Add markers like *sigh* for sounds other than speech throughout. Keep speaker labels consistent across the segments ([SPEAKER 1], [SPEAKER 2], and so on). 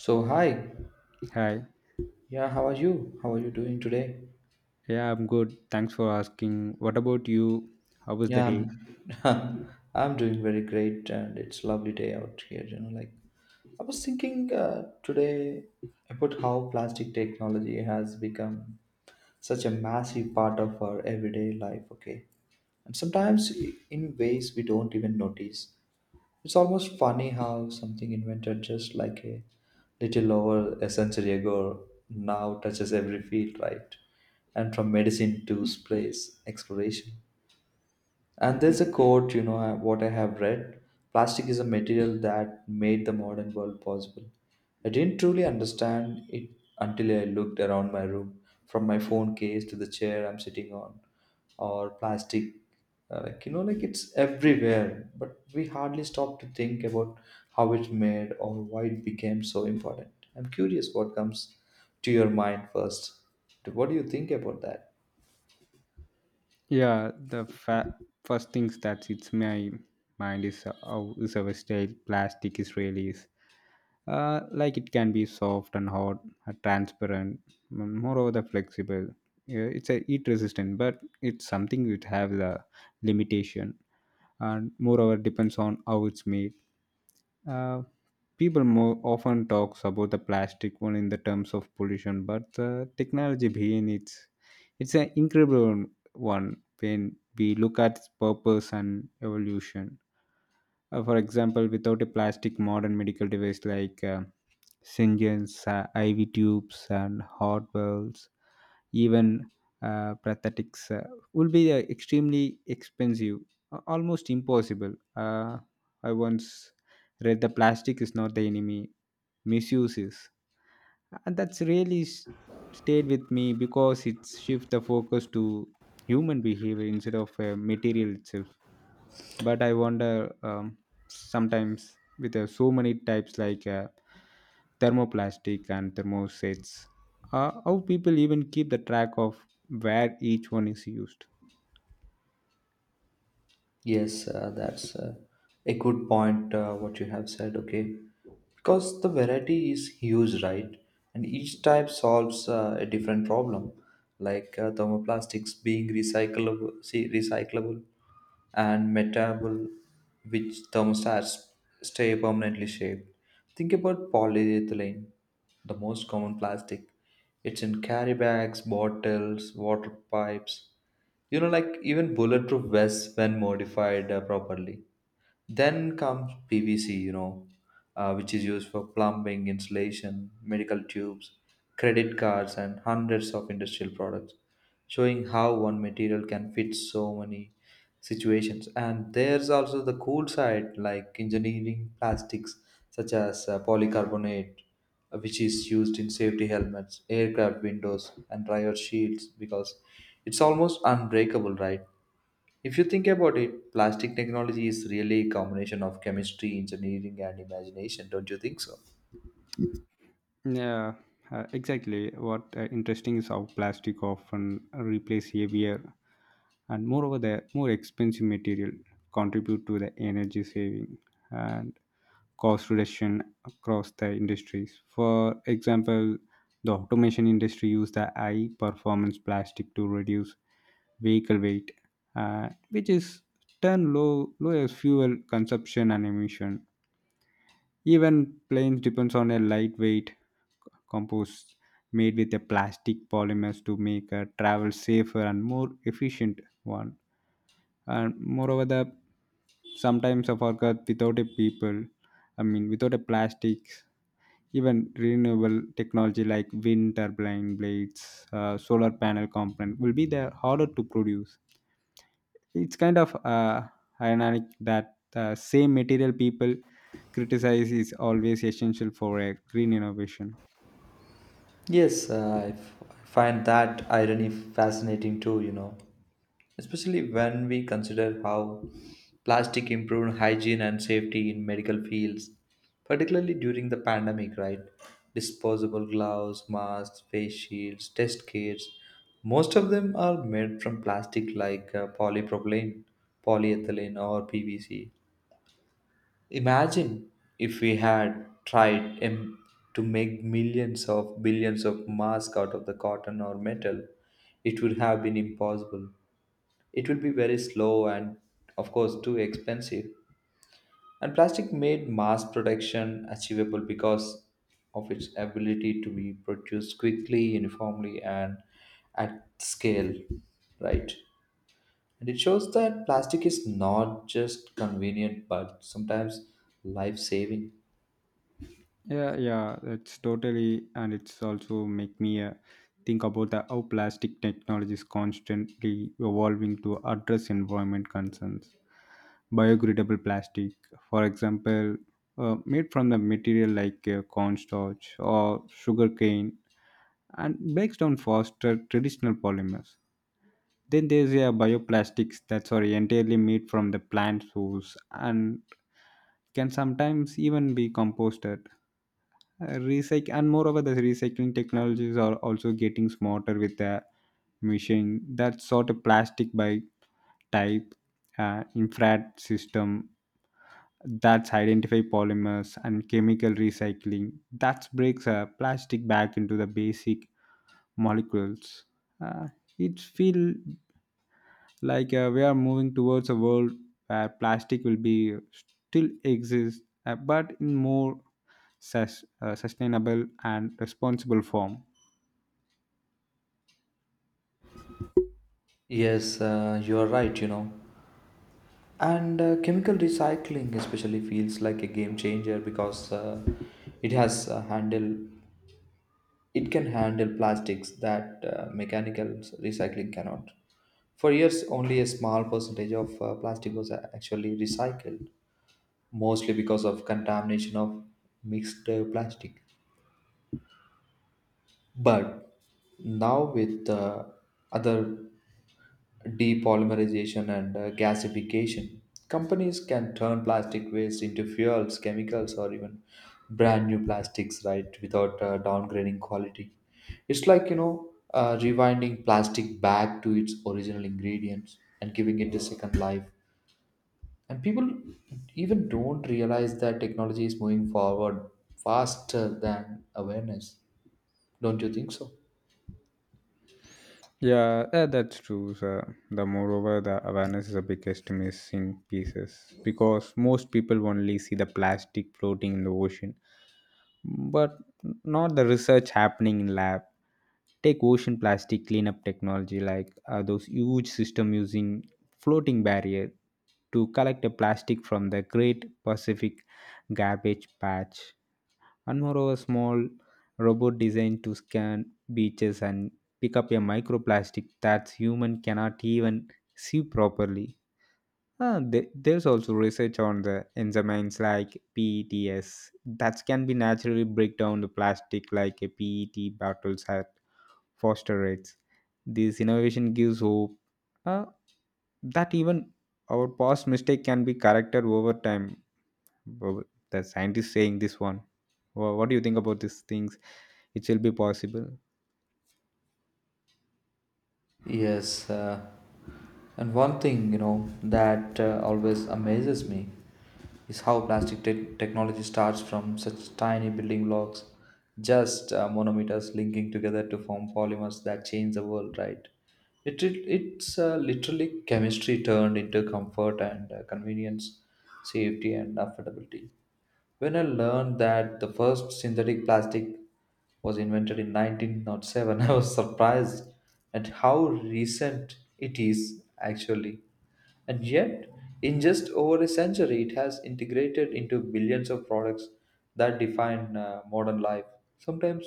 [SPEAKER 1] So hi,
[SPEAKER 2] Hi.
[SPEAKER 1] yeah, how are you? How are you doing today?
[SPEAKER 2] Yeah, I'm good. Thanks for asking. What about you? How was the
[SPEAKER 1] Yeah,
[SPEAKER 2] day?
[SPEAKER 1] I'm, *laughs* I'm doing very great, and it's lovely day out here. You know, like I was thinking today about how plastic technology has become such a massive part of our everyday life. Okay, and sometimes in ways we don't even notice. It's almost funny how something invented just like a little over a century ago now touches every field, right? And from medicine to space exploration. And there's a quote, you know, what I have read plastic is a material that made the modern world possible. I didn't truly understand it until I looked around my room, from my phone case to the chair I'm sitting on or plastic like you know like it's everywhere, but we hardly stop to think about how it's made or why it became so important. I'm curious what comes to your mind first. What do you think about that?
[SPEAKER 2] Yeah, the first things that hits my mind is how is our style plastic is really is. Like it can be soft and hard, transparent, moreover the flexible. Yeah, it's a heat resistant, but it's something which have the limitation, and moreover depends on how it's made. Uh, People more often talks about the plastic one in the terms of pollution, but the technology behind it's an incredible one when we look at its purpose and evolution. For example, without a plastic, modern medical device like syringes, iv tubes and heart valves, even prosthetics will be extremely expensive, almost impossible. uh, I once read the plastic is not the enemy, misuses, and that's really stayed with me because it shifts the focus to human behavior instead of material itself. But I wonder, sometimes with so many types like thermoplastic and thermosets, how people even keep the track of where each one is used.
[SPEAKER 1] Yes, that's a good point, what you have said. Okay, because the variety is huge, right? And each type solves a different problem, like thermoplastics being recyclable and metabol, which thermostats stay permanently shaped. Think about polyethylene, the most common plastic. It's in carry bags, bottles, water pipes, you know, like even bulletproof vests when modified properly. Then comes PVC, you know, which is used for plumbing, insulation, medical tubes, credit cards, and hundreds of industrial products, showing how one material can fit so many situations. And there's also the cool side, like engineering plastics such as polycarbonate, which is used in safety helmets, aircraft windows, and driver shields because it's almost unbreakable, right? If you think about it, plastic technology is really a combination of chemistry, engineering, and imagination, don't you think so?
[SPEAKER 2] Yeah, exactly. What interesting is how plastic often replace heavier and moreover the more expensive material, contribute to the energy saving and cost reduction across the industries. For example, the automation industry use the high performance plastic to reduce vehicle weight, which is turn low as fuel consumption and emission. Even planes depends on a lightweight compost made with a plastic polymers to make a travel safer and more efficient one. And moreover, the sometimes of our earth without a people, I mean without a plastics, even renewable technology like wind turbine blades, solar panel component will be there harder to produce. It's kind of ironic that the same material people criticize is always essential for a green innovation.
[SPEAKER 1] Yes, I find that irony fascinating too, you know, especially when we consider how plastic improved hygiene and safety in medical fields, particularly during the pandemic, right? Disposable gloves, masks, face shields, test kits, most of them are made from plastic like polypropylene, polyethylene, or PVC. Imagine if we had to make millions of billions of masks out of the cotton or metal, it would have been impossible. It would be very slow and, of course, too expensive. And plastic made mass production achievable because of its ability to be produced quickly, uniformly, and at scale, right? And it shows that plastic is not just convenient but sometimes life saving.
[SPEAKER 2] Yeah, yeah, that's totally, and it's also make me think about the, how plastic technology is constantly evolving to address environment concerns. Biodegradable plastic, for example, made from the material like cornstarch or sugarcane, and breaks down faster traditional polymers. Then there's a bioplastics that's are entirely made from the plant source and can sometimes even be composted. And moreover, the recycling technologies are also getting smarter with the machine that sort of plastic by type, infrared system that's identify polymers, and chemical recycling that breaks a plastic back into the basic molecules. Uh, it feel like we are moving towards a world where plastic will be still exist, but in more sustainable and responsible form.
[SPEAKER 1] Yes, you are right, you know. And chemical recycling especially feels like a game changer because it has uh, handle it can handle plastics that mechanical recycling cannot. For years, only a small percentage of plastic was actually recycled, mostly because of contamination of mixed plastic. But now with other depolymerization and gasification. Companies can turn plastic waste into fuels, chemicals, or even brand new plastics, right, without downgrading quality. It's like, you know, rewinding plastic back to its original ingredients and giving it a second life. And people even don't realize that technology is moving forward faster than awareness. Don't you think so?
[SPEAKER 2] Yeah, that's true, sir. The moreover, the awareness is the biggest missing pieces because most people only see the plastic floating in the ocean but not the research happening in lab. Take ocean plastic cleanup technology like those huge system using floating barrier to collect a plastic from the great pacific garbage patch, and moreover small robot designed to scan beaches and pick up a microplastic that human cannot even see properly. There's also research on the enzymes like PETs that can be naturally break down the plastic like a PET bottles at foster rates. This innovation gives hope uh, that even our past mistake can be corrected over time. Well, the scientist saying this one. What do you think about these things? It will be possible.
[SPEAKER 1] Yes, and one thing, you know, that always amazes me is how plastic technology starts from such tiny building blocks, just monometers linking together to form polymers that change the world, right? It's literally chemistry turned into comfort and convenience, safety, and affordability. When I learned that the first synthetic plastic was invented in 1907, *laughs* I was surprised at how recent it is actually. And yet, in just over a century, it has integrated into billions of products that define modern life. Sometimes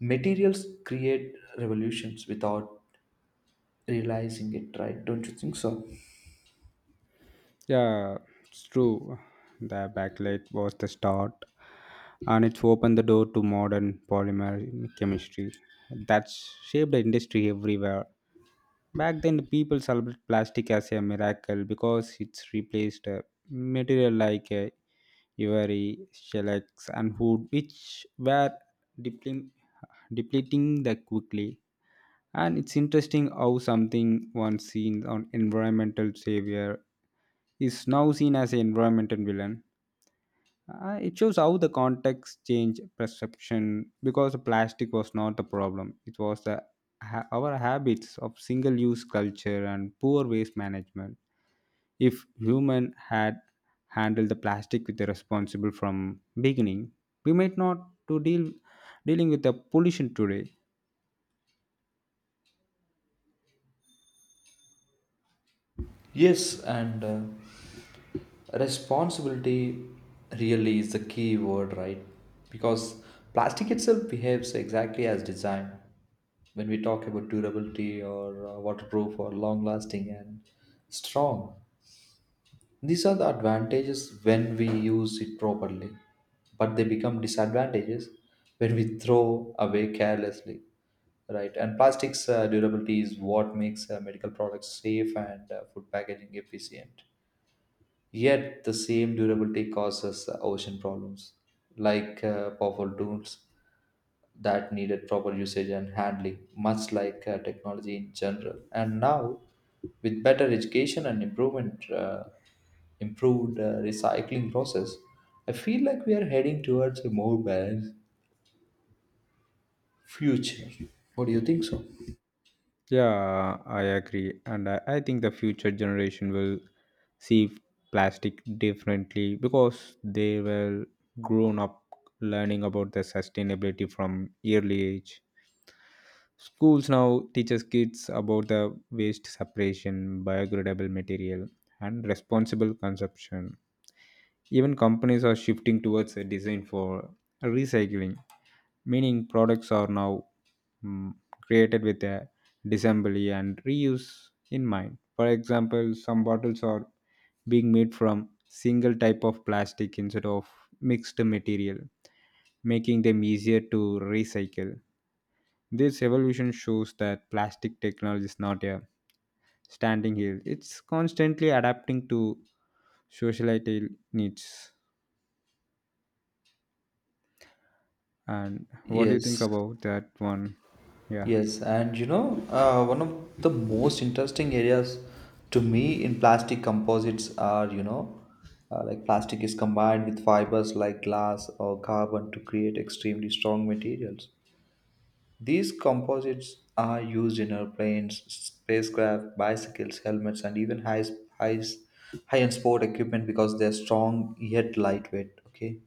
[SPEAKER 1] materials create revolutions without realizing it, right? Don't you think so?
[SPEAKER 2] Yeah, it's true. The backlight was the start, and it's opened the door to modern polymer chemistry that's shaped the industry everywhere. Back then, the people celebrated plastic as a miracle because it's replaced a material like ivory, shellac, and wood, which were depleting, the quickly. And it's interesting how something once seen on environmental savior is now seen as an environmental villain. It shows how the context changed perception because the plastic was not the problem. It was the our habits of single-use culture and poor waste management. If human had handled the plastic with the responsible from beginning, we might not to dealing with the pollution today.
[SPEAKER 1] Yes, and responsibility really is the key word, right? Because plastic itself behaves exactly as designed. When we talk about durability or waterproof or long lasting and strong, these are the advantages when we use it properly, but they become disadvantages when we throw away carelessly, right? And plastics durability is what makes medical products safe and food packaging efficient. Yet, the same durability causes ocean problems, like powerful tools that needed proper usage and handling, much like technology in general. And now, with better education and improved recycling process, I feel like we are heading towards a more balanced future. What do you think so?
[SPEAKER 2] Yeah, I agree. And I think the future generation will see plastic differently because they will grown up learning about the sustainability from early age. Schools now teaches kids about the waste separation, biodegradable material, and responsible consumption. Even companies are shifting towards a design for recycling, meaning products are now, mm, created with a disassembly and reuse in mind. For example, some bottles are being made from single type of plastic instead of mixed material, making them easier to recycle. This evolution shows that plastic technology is not a standing here. It's constantly adapting to societal needs. And what do you think
[SPEAKER 1] Yes.
[SPEAKER 2] about that one? Yeah.
[SPEAKER 1] Yes, and you know, one of the most interesting areas to me in plastic composites are, you know, like plastic is combined with fibers like glass or carbon to create extremely strong materials. These composites are used in airplanes, spacecraft, bicycles, helmets, and even high, high-end sport equipment because they're strong yet lightweight. Okay,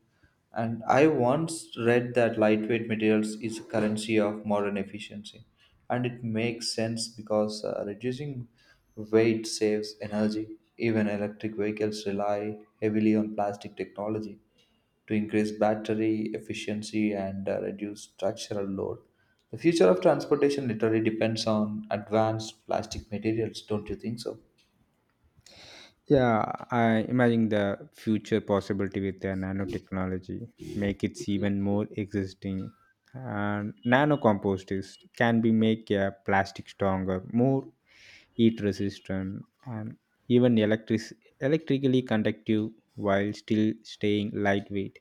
[SPEAKER 1] and I once read that lightweight materials is a currency of modern efficiency, and it makes sense because reducing weight saves energy. Even electric vehicles rely heavily on plastic technology to increase battery efficiency and reduce structural load. The future of transportation literally depends on advanced plastic materials, don't you think so?
[SPEAKER 2] Yeah, I imagine the future possibility with the nanotechnology make it even more existing. And nano composters can be make a plastic stronger, more heat resistant, and even electrically conductive while still staying lightweight.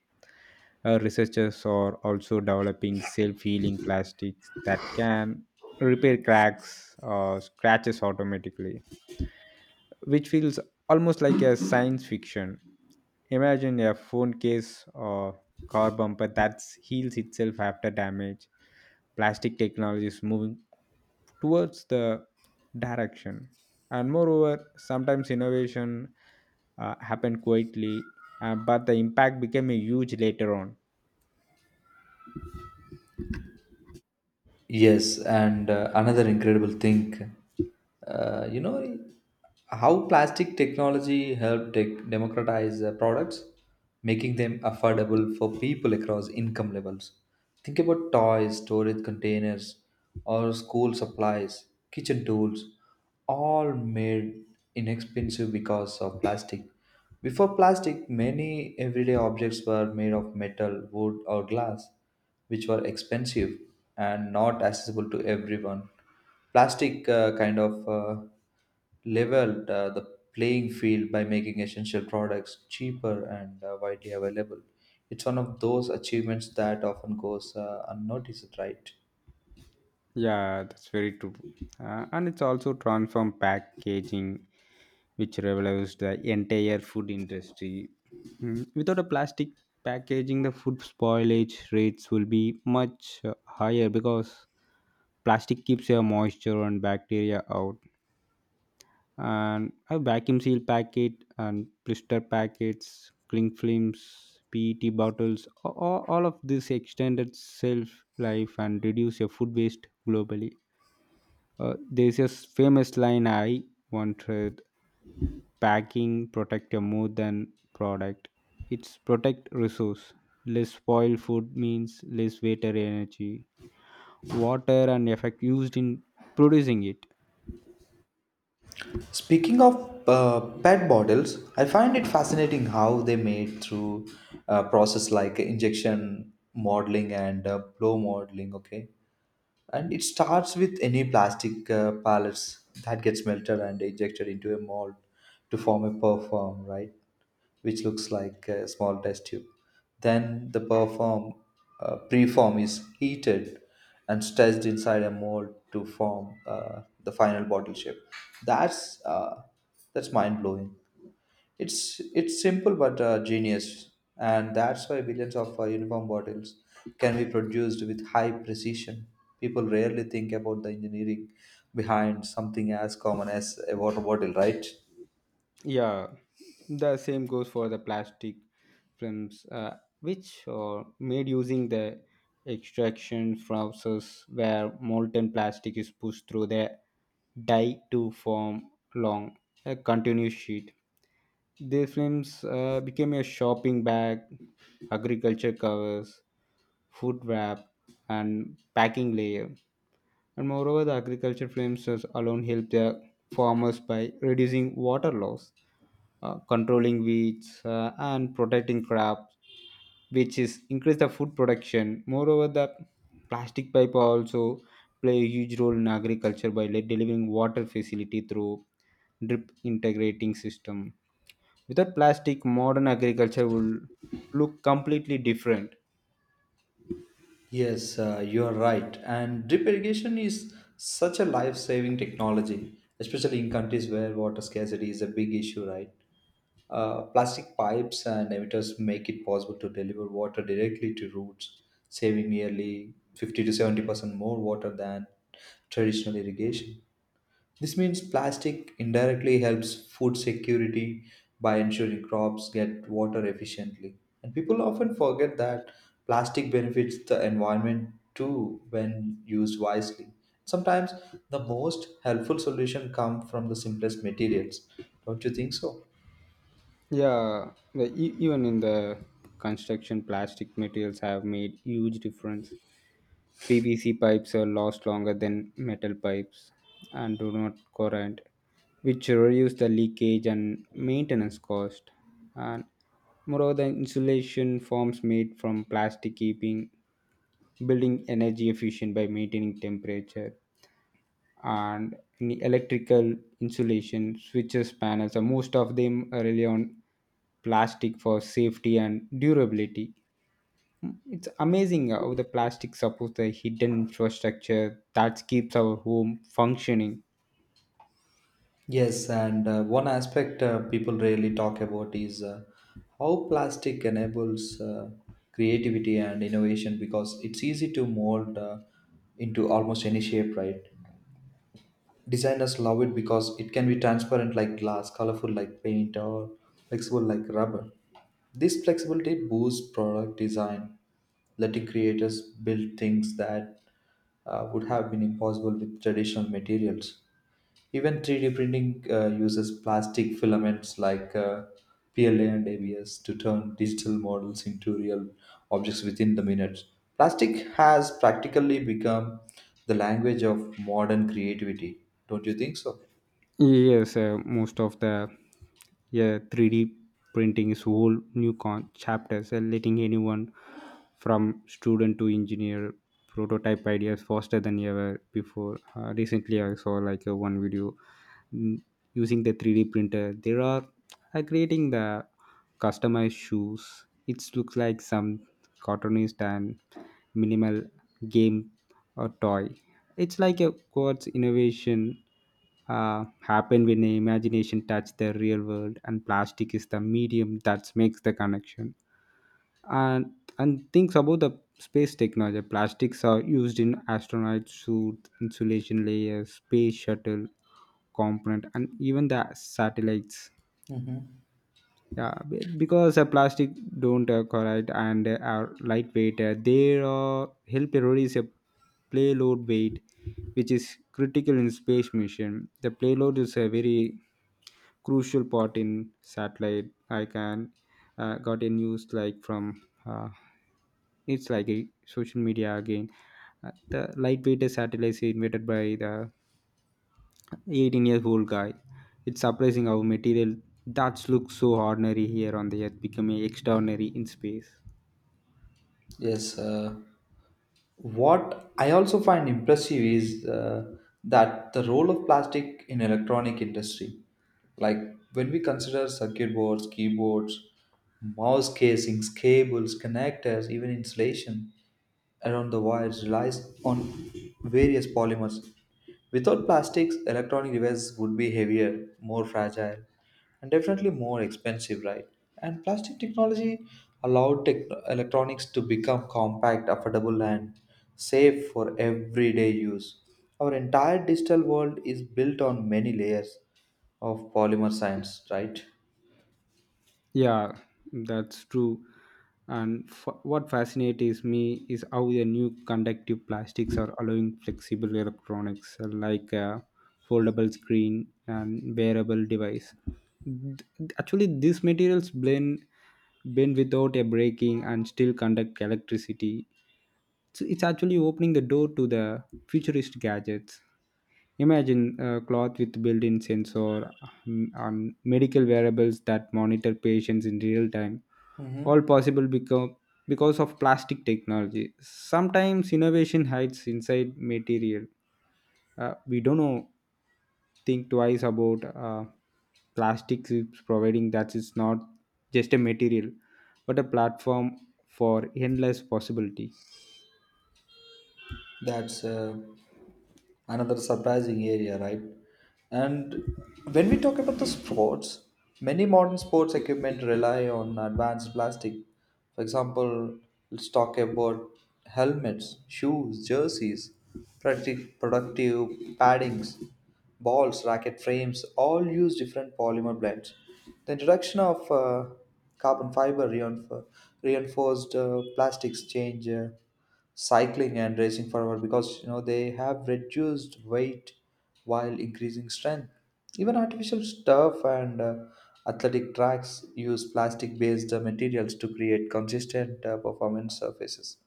[SPEAKER 2] Our researchers are also developing self-healing plastics that can repair cracks or scratches automatically, which feels almost like a science fiction. Imagine a phone case or car bumper that heals itself after damage. Plastic technology is moving towards the direction. And moreover, sometimes innovation happen quietly, but the impact became a huge later on.
[SPEAKER 1] Yes, and another incredible thing, you know, how plastic technology helped tech democratize products, making them affordable for people across income levels. Think about toys, storage containers, or school supplies, kitchen tools, all made inexpensive because of plastic. Before plastic, many everyday objects were made of metal, wood, or glass, which were expensive and not accessible to everyone. Plastic kind of leveled the playing field by making essential products cheaper and widely available. It's one of those achievements that often goes unnoticed, right?
[SPEAKER 2] Yeah, that's very true. And it's also transformed packaging which revolutionized the entire food industry. Without a plastic packaging, the food spoilage rates will be much higher because plastic keeps your moisture and bacteria out. And a vacuum seal packet and blister packets, cling films, PET bottles, all of this extended shelf life and reduce your food waste globally. There's a famous line I once read: packing protect a more than product, it's protect resource, less spoil food means less water energy, water and effect used in producing it.
[SPEAKER 1] Speaking of PET bottles, I find it fascinating how they made through a process like injection modeling and blow modeling. Okay, and it starts with any plastic pallets that gets melted and ejected into a mold to form a perform, right, which looks like a small test tube. Then the perform preform is heated and stretched inside a mold to form the final bottle shape. that's uh, that's mind blowing. It's simple but genius, and that's why billions of uniform bottles can be produced with high precision. People rarely think about the engineering behind something as common as a water bottle, right?
[SPEAKER 2] Yeah, the same goes for the plastic films, which are made using the extraction process where molten plastic is pushed through the die to form long, a continuous sheet. These films became a shopping bag, agriculture covers, food wrap, and packing layer. And moreover, the agriculture films has alone help the farmers by reducing water loss, controlling weeds, and protecting crops, which is increase the food production. Moreover, the plastic pipe also play a huge role in agriculture by delivering water facility through drip integrating system. Without plastic, modern agriculture will look completely different.
[SPEAKER 1] Yes, you are right. And drip irrigation is such a life-saving technology, especially in countries where water scarcity is a big issue, right? Plastic pipes and emitters make it possible to deliver water directly to roots, saving nearly 50 to 70% more water than traditional irrigation. This means plastic indirectly helps food security by ensuring crops get water efficiently. And people often forget that plastic benefits the environment too when used wisely. Sometimes the most helpful solution come from the simplest materials. Don't you think so?
[SPEAKER 2] Yeah, the, even in the construction, plastic materials have made huge difference. PVC pipes are last longer than metal pipes and do not corrode, which reduce the leakage and maintenance cost. And moreover, the insulation forms made from plastic keeping building energy efficient by maintaining temperature, and in the electrical insulation switches panels. So most of them rely on plastic for safety and durability. It's amazing how the plastic supports the hidden infrastructure that keeps our home functioning.
[SPEAKER 1] Yes, and one aspect people rarely talk about is how plastic enables creativity and innovation because it's easy to mold into almost any shape, right? Designers love it because it can be transparent like glass, colorful like paint, or flexible like rubber. This flexibility boosts product design, letting creators build things that would have been impossible with traditional materials. Even 3D printing uses plastic filaments like PLA and ABS to turn digital models into real objects within the minutes. Plastic has practically become the language of modern creativity. Don't you think so?
[SPEAKER 2] Yes, most of the, yeah, 3D printing is whole new chapters, letting anyone from student to engineer prototype ideas faster than ever before. Recently, I saw like one video, mm, using the 3D printer. There are creating the customized shoes. It looks like some cartoonist and minimal game or toy. It's like a quartz innovation happen when the imagination touch the real world, and plastic is the medium that makes the connection. And and things about the space technology. Plastics are used in astronaut suit, insulation layers, space shuttle component, and even the satellites,
[SPEAKER 1] Hmm.
[SPEAKER 2] yeah, because plastic don't corrode and are lightweight, they help reduce a payload weight, which is critical in space mission. The payload is a very crucial part in satellite. I can got a news like from uh, it's like a social media again. The lightweight satellites invented by the 18 years old guy. It's surprising how material that looks so ordinary here on the earth becoming extraordinary in space.
[SPEAKER 1] Yes. What I also find impressive is that the role of plastic in electronic industry, like when we consider circuit boards, keyboards, mouse casings, cables, connectors, even insulation, around the wires relies on various polymers. Without plastics, electronic devices would be heavier, more fragile, and definitely more expensive, right? And plastic technology allowed electronics to become compact, affordable, and safe for everyday use. Our entire digital world is built on many layers of polymer science, right?
[SPEAKER 2] Yeah, that's true. And what fascinates me is how the new conductive plastics are allowing flexible electronics like a foldable screen and wearable device. Actually, these materials blend bend without a breaking and still conduct electricity. So it's actually opening the door to the futuristic gadgets. Imagine a cloth with built-in sensor, on medical wearables that monitor patients in real time,
[SPEAKER 1] Mm-hmm.
[SPEAKER 2] all possible become because of plastic technology. Sometimes innovation hides inside material. We don't know, think twice about plastics is providing that it's not just a material, but a platform for endless possibility.
[SPEAKER 1] That's another surprising area, right? And when we talk about the sports, many modern sports equipment rely on advanced plastic. For example, let's talk about helmets, shoes, jerseys, productive paddings, balls, racket frames, all use different polymer blends. The introduction of carbon fiber reinf- reinforced plastics change. Cycling and racing forward because you know they have reduced weight while increasing strength, even artificial stuff and athletic tracks use plastic based materials to create consistent performance surfaces,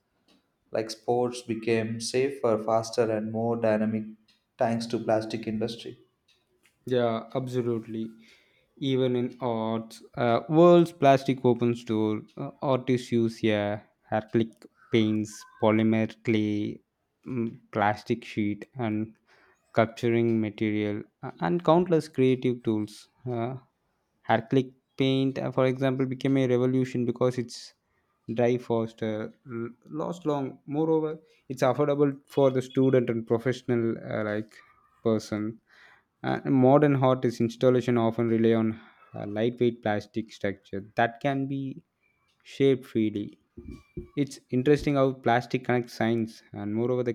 [SPEAKER 1] like sports became safer, faster, and more dynamic thanks to plastic industry.
[SPEAKER 2] Yeah, absolutely. Even in arts, world's plastic opens door. Artists use, yeah, acrylic paints, polymer clay, plastic sheet, and capturing material, and countless creative tools. Acrylic paint, for example, became a revolution because it's dry faster, last long. Moreover, it's affordable for the student and professional like person. Modern hot is installation often rely on a lightweight plastic structure that can be shaped freely. It's interesting how plastic connects science and moreover the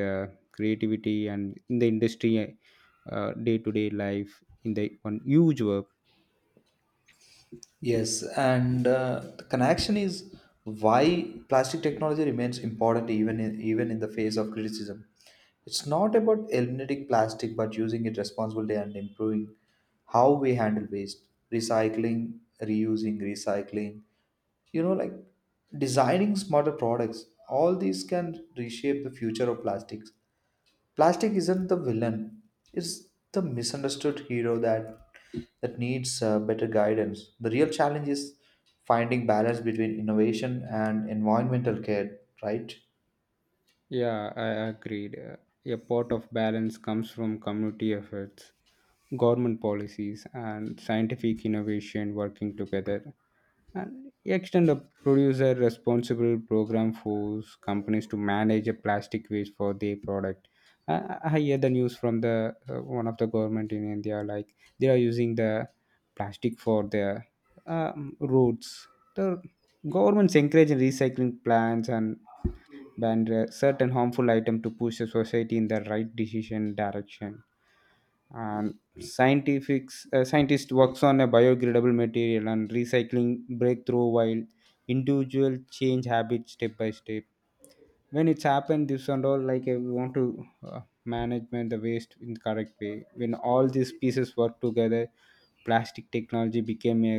[SPEAKER 2] uh, creativity and in the industry day to day life in the one huge work.
[SPEAKER 1] Yes, and the connection is why plastic technology remains important even in the face of criticism. It's not about eliminating plastic, but using it responsibly and improving how we handle waste, recycling, reusing, recycling. You know, like designing smarter products. All these can reshape the future of plastics. Plastic isn't the villain; it's the misunderstood hero that needs better guidance. The real challenge is finding balance between innovation and environmental care, right?
[SPEAKER 2] Yeah, I agreed. A part of balance comes from community efforts, government policies, and scientific innovation working together, and extend a producer responsible program force companies to manage a plastic waste for their product. I hear the news from the one of the government in india like they are using the plastic for their roads. The governments encourage recycling plans and ban certain harmful item to push the society in the right decision direction. And scientifics, scientist works on a biodegradable material and recycling breakthrough while individual change habits step by step. When it's happened this and all like I want to management the waste in the correct way. When all these pieces work together, plastic technology became a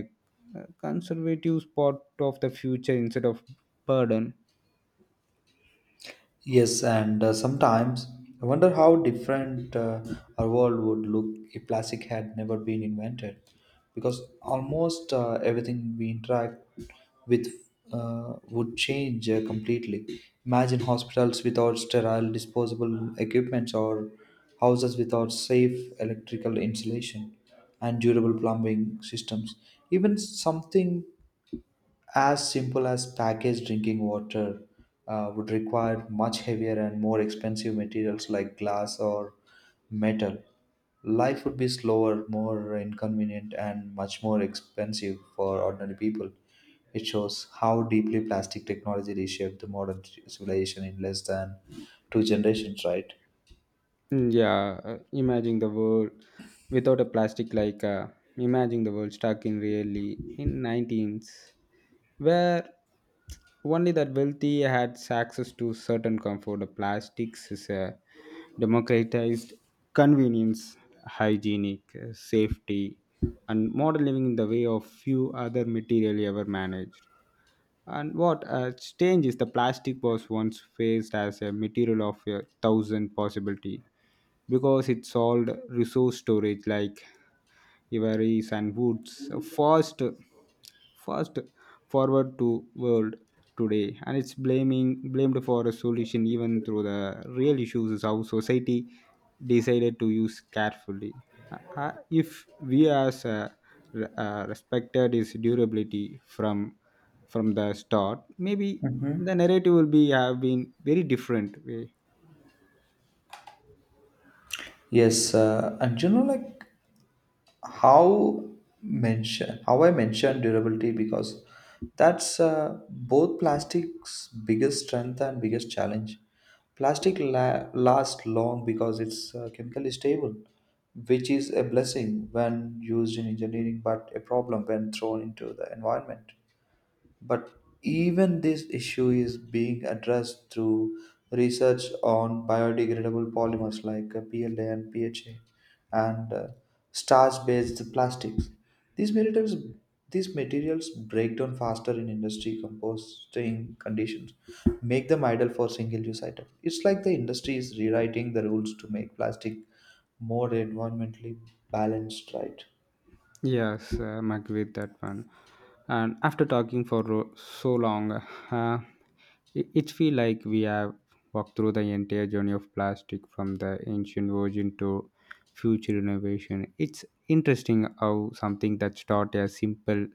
[SPEAKER 2] conservative part of the future instead of burden.
[SPEAKER 1] Yes, and sometimes I wonder how different our world would look if plastic had never been invented. Because almost everything we interact with would change completely. Imagine hospitals without sterile disposable equipment or houses without safe electrical insulation and durable plumbing systems. Even something as simple as packaged drinking water would require much heavier and more expensive materials like glass or metal. Life would be slower, more inconvenient, and much more expensive for ordinary people. It shows how deeply plastic technology reshaped the modern civilization in less than 2 generations, right?
[SPEAKER 2] Yeah, imagine the world without a plastic, like imagine the world stuck in really in 19th where only that wealthy had access to certain comfort. The plastics is a democratized convenience, hygienic, safety, and modern living in the way of few other materially ever managed. And what change is the plastic was once faced as a material of a thousand possibility because it solved resource storage like ivories and woods fast. fast Forward to world today and it's blaming blamed for a solution even through the real issues is how society decided to use carefully. Uh, uh, if we as respected its durability from from the start, maybe
[SPEAKER 1] Hmm.
[SPEAKER 2] the narrative will be have been very different way.
[SPEAKER 1] Yes, and you know, like how mention how I mentioned durability because that's both plastic's biggest strength and biggest challenge. Plastic lasts long because it's chemically stable, which is a blessing when used in engineering, but a problem when thrown into the environment. But even this issue is being addressed through research on biodegradable polymers like PLA and PHA and starch-based plastics. These materials, these materials break down faster in industry composting conditions, make them ideal for single-use item. It's like the industry is rewriting the rules to make plastic more environmentally balanced, right?
[SPEAKER 2] Yes, I'm agree with that one. And after talking for so long, uh, it feel like we have walked through the entire journey of plastic from the ancient origin to future innovation. It's interesting how something that started as simple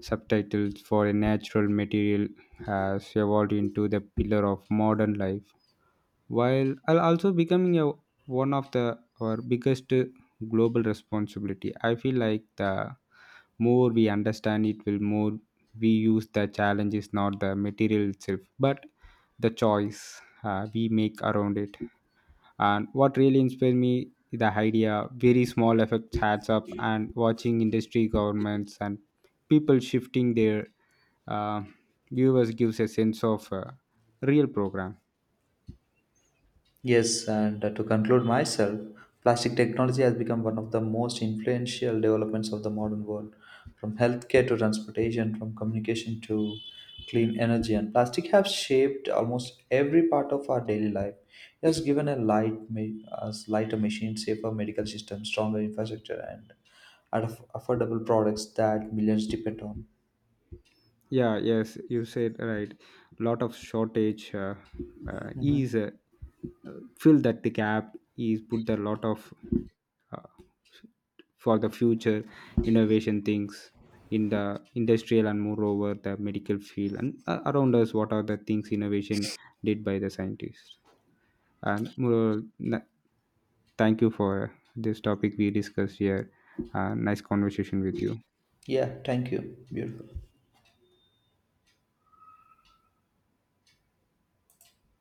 [SPEAKER 2] subtitles for a natural material has evolved into the pillar of modern life, while I'll also becoming a, one of the our biggest global responsibility. I feel like the more we understand it, will more we use. The challenge is not the material itself, but the choice we make around it. And what really inspired me is the idea very small effects adds up, and watching industry, governments, and people shifting their uh, viewers gives a sense of real program.
[SPEAKER 1] Yes, and to conclude myself, plastic technology has become one of the most influential developments of the modern world. From healthcare to transportation, from communication to clean energy, and plastic have shaped almost every part of our daily life. It has given a us lighter machine, safer medical system, stronger infrastructure, and affordable products that millions depend on.
[SPEAKER 2] Yeah, yes, you said right. Lot of shortage,
[SPEAKER 1] Mhm.
[SPEAKER 2] is fill that the gap is put a lot of uh, for the future innovation things in the industrial and moreover the medical field and around us, what are the things innovation did by the scientists. And moreover, thank you for this topic we discussed here. Nice conversation with you.
[SPEAKER 1] Yeah, thank you. Beautiful.